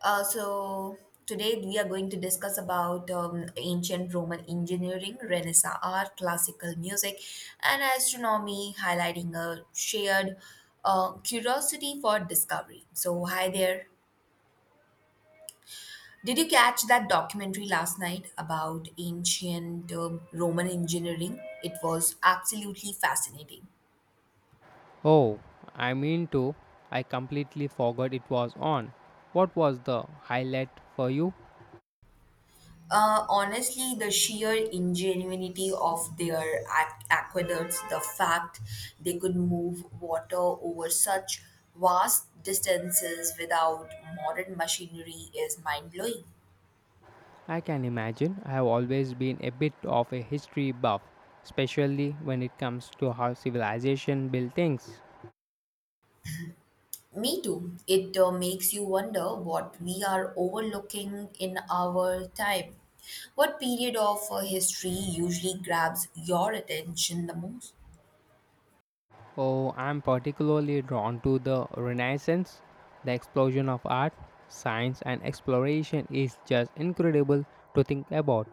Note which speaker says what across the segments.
Speaker 1: So today we are going to discuss about ancient Roman engineering, Renaissance art, classical music, and astronomy, highlighting a shared curiosity for discovery. So hi there. Did you catch that documentary last night about ancient Roman engineering? It was absolutely fascinating.
Speaker 2: Oh, I mean to. I completely forgot it was on. What was the highlight for you?
Speaker 1: Honestly, the sheer ingenuity of their aqueducts, the fact they could move water over such vast distances without modern machinery is mind blowing.
Speaker 2: I can imagine I have always been a bit of a history buff, especially when it comes to how civilization built things.
Speaker 1: Me too. It makes you wonder what we are overlooking in our time. What period of history usually grabs your attention the most?
Speaker 2: Oh, I'm particularly drawn to the Renaissance. The explosion of art, science, and exploration is just incredible to think about.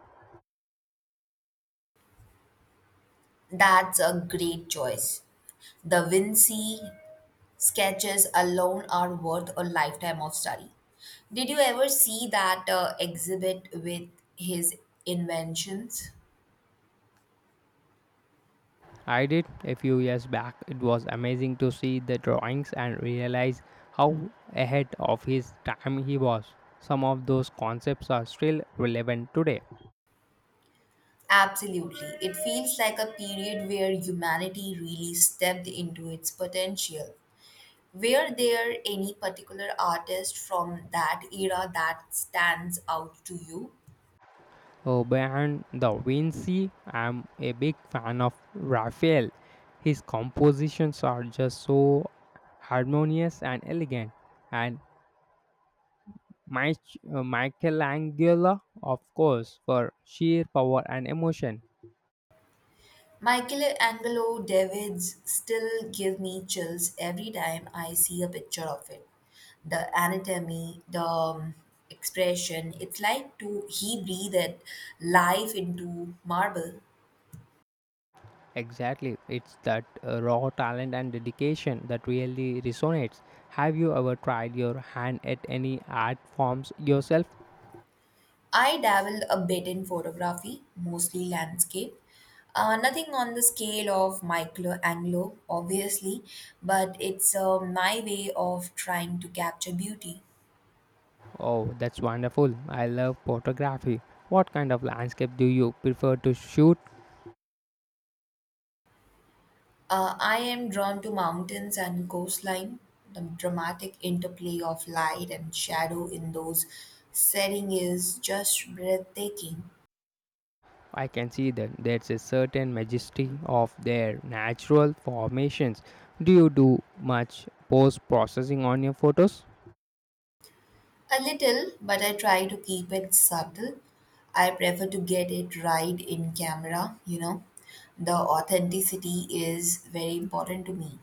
Speaker 1: That's a great choice. Da Vinci, Sketches alone are worth a lifetime of study. Did you ever see that exhibit with his inventions?
Speaker 2: I did a few years back. It was amazing to see the drawings and realize how ahead of his time he was. Some of those concepts are still relevant today.
Speaker 1: Absolutely. It feels like a period where humanity really stepped into its potential. Were there any particular artist from that era that stands out to you?
Speaker 2: Oh, behind the Vinci, I'm a big fan of Raphael. His compositions are just so harmonious and elegant. And Michelangelo, of course, for sheer power and emotion.
Speaker 1: Michelangelo Davids still give me chills every time I see a picture of it. The anatomy, the expression, it's like to he breathed life into marble.
Speaker 2: Exactly. It's that raw talent and dedication that really resonates. Have you ever tried your hand at any art forms yourself?
Speaker 1: I dabble a bit in photography, mostly landscape. Nothing on the scale of Michelangelo, obviously, but it's my way of trying to capture beauty.
Speaker 2: Oh, that's wonderful. I love photography. What kind of landscape do you prefer to shoot?
Speaker 1: I am drawn to mountains and coastline, the dramatic interplay of light and shadow in those setting is just breathtaking.
Speaker 2: I can see that there's a certain majesty of their natural formations. Do you do much post processing on your photos?
Speaker 1: A little, but I try to keep it subtle. I prefer to get it right in camera, you know. The authenticity is very important to me.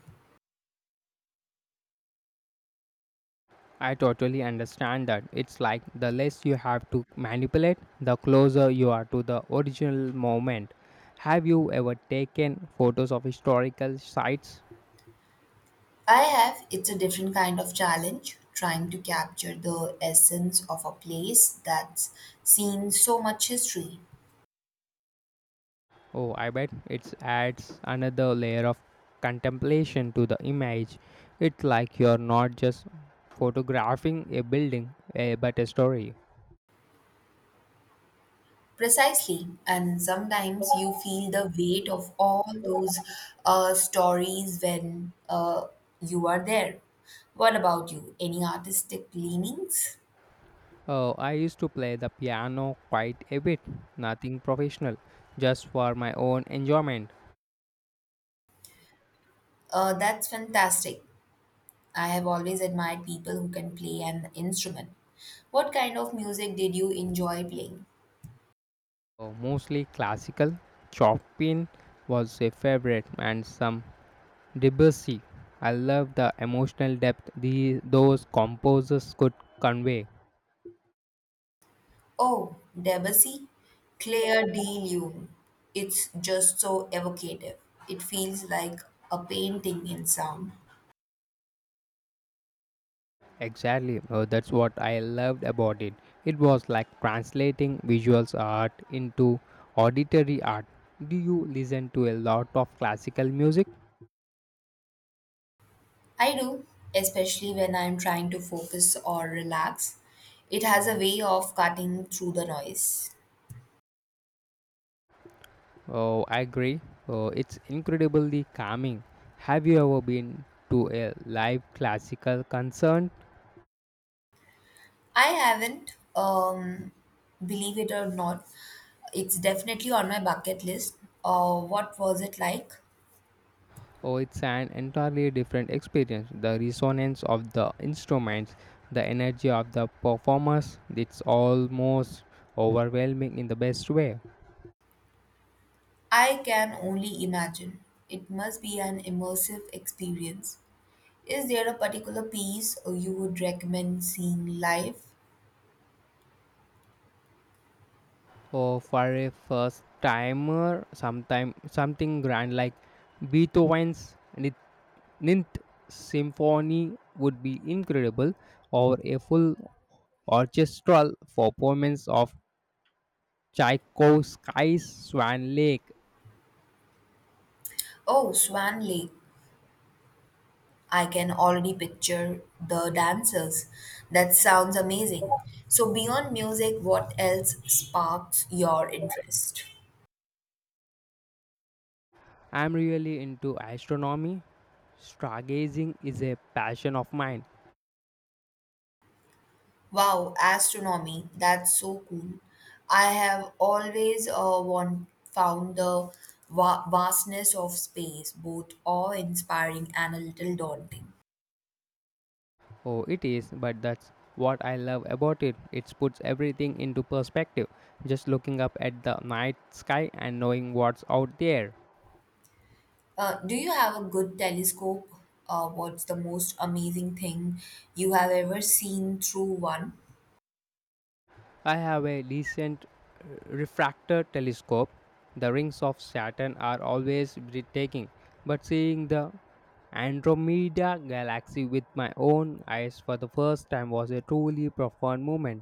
Speaker 2: I totally understand that. It's like the less you have to manipulate, the closer you are to the original moment. Have you ever taken photos of historical sites?
Speaker 1: I have, it's a different kind of challenge trying to capture the essence of a place that's seen so much history.
Speaker 2: Oh, I bet it adds another layer of contemplation to the image. It's like you're not just photographing a building, eh, but a story.
Speaker 1: Precisely. And sometimes you feel the weight of all those stories when you are there. What about you? Any artistic leanings?
Speaker 2: Oh, I used to play the piano quite a bit, nothing professional, just for my own enjoyment.
Speaker 1: That's fantastic. I have always admired people who can play an instrument. What kind of music did you enjoy playing?
Speaker 2: Mostly classical. Chopin was a favorite, and some Debussy. I love the emotional depth those composers could convey.
Speaker 1: Oh, Debussy, Claire de Lune. It's just so evocative. It feels like a painting in sound.
Speaker 2: Exactly, that's what I loved about it. It was like translating visual art into auditory art. Do you listen to a lot of classical music?
Speaker 1: I do, especially when I'm trying to focus or relax. It has a way of cutting through the noise.
Speaker 2: Oh, I agree. It's incredibly calming. Have you ever been to a live classical concert?
Speaker 1: I haven't, believe it or not, it's definitely on my bucket list. What was it like?
Speaker 2: Oh, it's an entirely different experience. The resonance of the instruments, the energy of the performers, it's almost overwhelming in the best way.
Speaker 1: I can only imagine. It must be an immersive experience. Is there a particular piece you would recommend seeing live?
Speaker 2: Oh, for a first timer, sometime something grand like Beethoven's Ninth Symphony would be incredible, or a full orchestral performance of Tchaikovsky's Swan Lake.
Speaker 1: Oh, Swan Lake. I can already picture the dancers. That sounds amazing. So, beyond music, what else sparks your interest?
Speaker 2: I'm really into astronomy. Stargazing is a passion of mine.
Speaker 1: Wow, astronomy. That's so cool. I have always found the vastness of space both awe inspiring and a little daunting.
Speaker 2: Oh, it is, but that's what I love about it. It puts everything into perspective. Just looking up at the night sky and knowing what's out there.
Speaker 1: Do you have a good telescope? What's the most amazing thing you have ever seen through one?
Speaker 2: I have a decent refractor telescope. The rings of Saturn are always breathtaking, but seeing the Andromeda galaxy with my own eyes for the first time was a truly profound moment.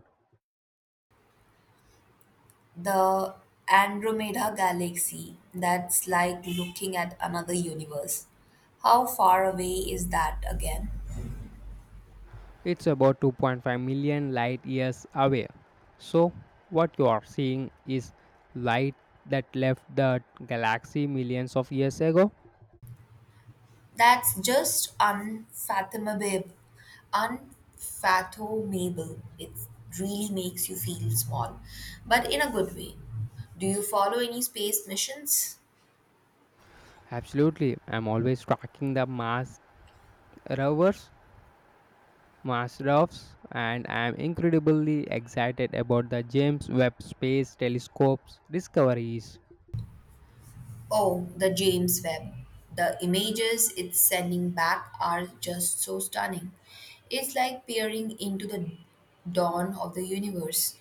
Speaker 1: The Andromeda Galaxy, that's like looking at another universe. How far away is that again?
Speaker 2: It's about 2.5 million light years away. So, what you are seeing is light that left the galaxy millions of years ago.
Speaker 1: That's just unfathomable. Unfathomable. It really makes you feel small, but in a good way. Do you follow any space missions?
Speaker 2: Absolutely, I'm always tracking the rovers, Mars rovers, and I'm incredibly excited about the James Webb Space Telescope's discoveries.
Speaker 1: Oh, the James Webb. The images it's sending back are just so stunning. It's like peering into the dawn of the universe.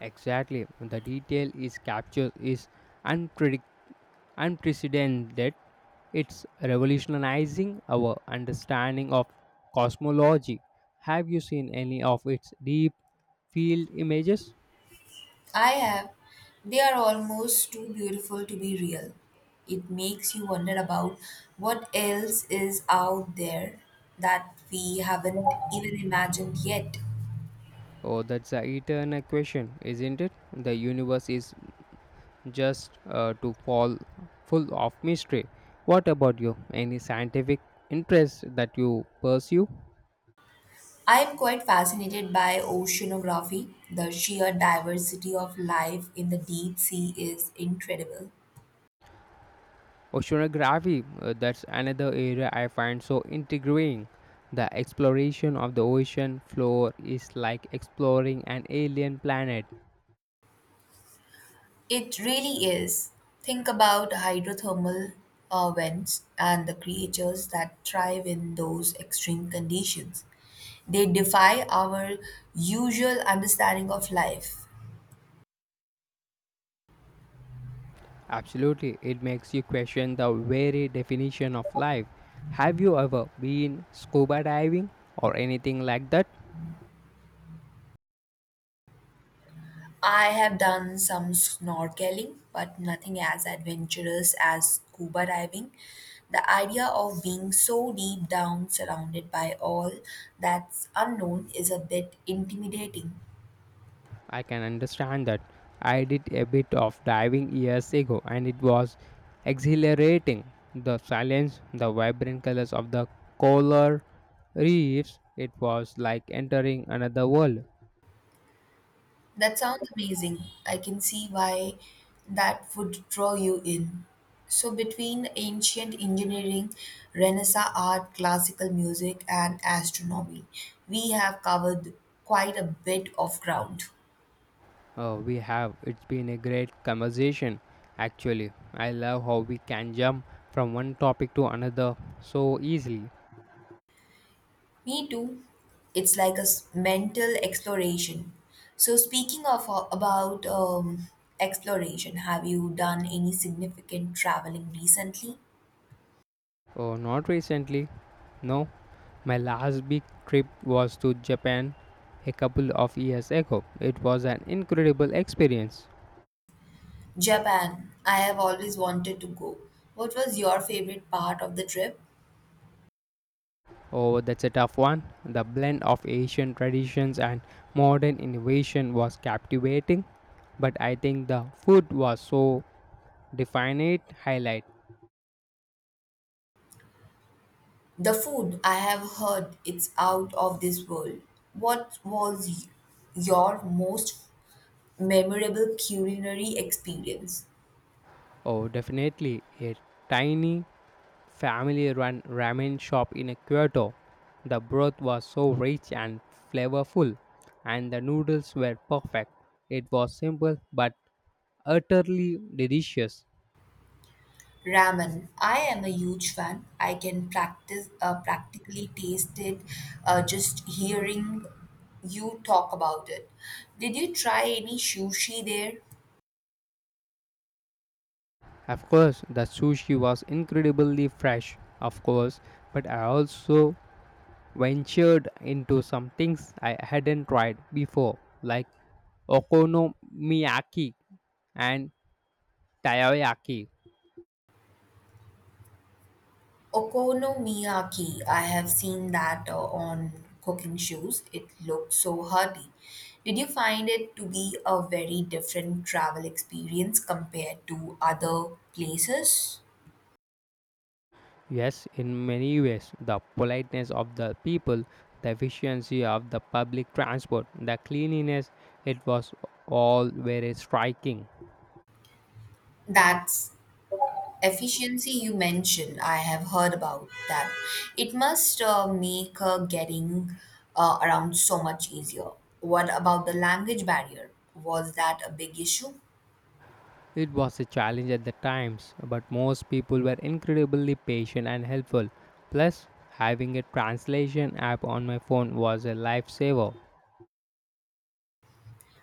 Speaker 2: Exactly, the detail is captured is unpredict unprecedented. It's revolutionizing our understanding of cosmology. Have you seen any of its deep field images?
Speaker 1: I have. They are almost too beautiful to be real. It makes you wonder about what else is out there that we haven't even imagined yet.
Speaker 2: Oh, that's a eternal question, isn't it? The universe is just to fall full of mystery. What about you? Any scientific interest that you pursue?
Speaker 1: I am quite fascinated by oceanography. The sheer diversity of life in the deep sea is incredible.
Speaker 2: Oceanography, that's another area I find so intriguing. The exploration of the ocean floor is like exploring an alien planet.
Speaker 1: It really is. Think about hydrothermal vents and the creatures that thrive in those extreme conditions. They defy our usual understanding of life.
Speaker 2: Absolutely, it makes you question the very definition of life. Have you ever been scuba diving or anything like that?
Speaker 1: I have done some snorkeling, but nothing as adventurous as scuba diving. The idea of being so deep down, surrounded by all that's unknown, is a bit intimidating.
Speaker 2: I can understand that. I did a bit of diving years ago and it was exhilarating. The silence, the vibrant colors of the coral reefs, it was like entering another world.
Speaker 1: That sounds amazing. I can see why that would draw you in. So, between ancient engineering, Renaissance art, classical music, and astronomy, we have covered quite a bit of ground.
Speaker 2: Oh, we have. It's been a great conversation, actually. I love how we can jump from one topic to another so easily.
Speaker 1: Me too. It's like a mental exploration. So, speaking of about exploration, have you done any significant traveling recently?
Speaker 2: Oh, not recently. No, my last big trip was to Japan a couple of years ago. It was an incredible experience.
Speaker 1: Japan, I have always wanted to go. What was your favorite part of the trip?
Speaker 2: Oh, that's a tough one. The blend of Asian traditions and modern innovation was captivating, but I think the food was so definite highlight.
Speaker 1: The food, I have heard it's out of this world. What was your most memorable culinary experience?
Speaker 2: Oh, definitely a tiny family-run ramen shop in Kyoto. The broth was so rich and flavorful, and the noodles were perfect. It was simple but utterly delicious.
Speaker 1: Ramen. I am a huge fan. I can practice practically taste it just hearing you talk about it. Did you try any sushi there?
Speaker 2: Of course, the sushi was incredibly fresh, of course, but I also ventured into some things I hadn't tried before, like okonomiyaki and takoyaki.
Speaker 1: Okonomiyaki, I have seen that on cooking shows. It looked so hearty. Did you find it to be a very different travel experience compared to other places?
Speaker 2: Yes, in many ways, the politeness of the people, the efficiency of the public transport, the cleanliness, it was all very striking.
Speaker 1: That's efficiency you mentioned. I have heard about that. It must make getting around so much easier. What about the language barrier? Was that a big issue?
Speaker 2: It was a challenge at the times, but most people were incredibly patient and helpful. Plus, having a translation app on my phone was a lifesaver.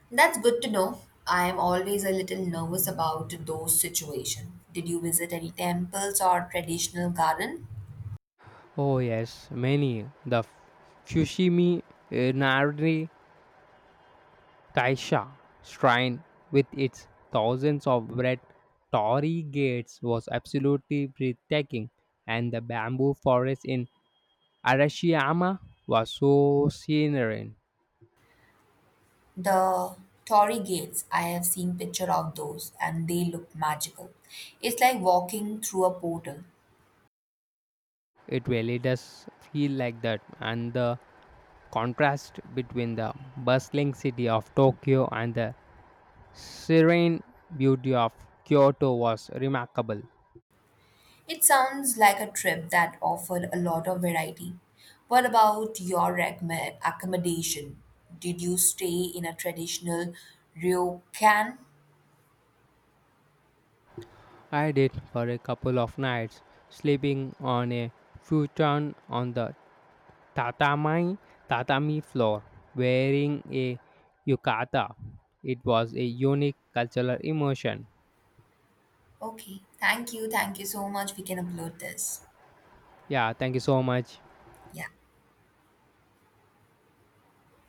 Speaker 1: That's good to know. I am always a little nervous about those situations. Did you visit any temples or traditional garden?
Speaker 2: Oh, yes, many. The Fushimi Inari Taisha shrine, with its thousands of red torii gates, was absolutely breathtaking, and the bamboo forest in Arashiyama was so serene.
Speaker 1: The Torii gates, I have seen picture of those and they look magical. It's like walking through a portal.
Speaker 2: It really does feel like that, and the contrast between the bustling city of Tokyo and the serene beauty of Kyoto was remarkable.
Speaker 1: It sounds like a trip that offered a lot of variety. What about your recommend accommodation? Did you stay in a traditional ryokan?
Speaker 2: I did for a couple of nights, sleeping on a futon on the tatami, tatami floor, wearing a yukata. It was a unique cultural immersion.
Speaker 1: Okay, thank you so much. We can upload this.
Speaker 2: Yeah, thank you so much.
Speaker 1: Yeah.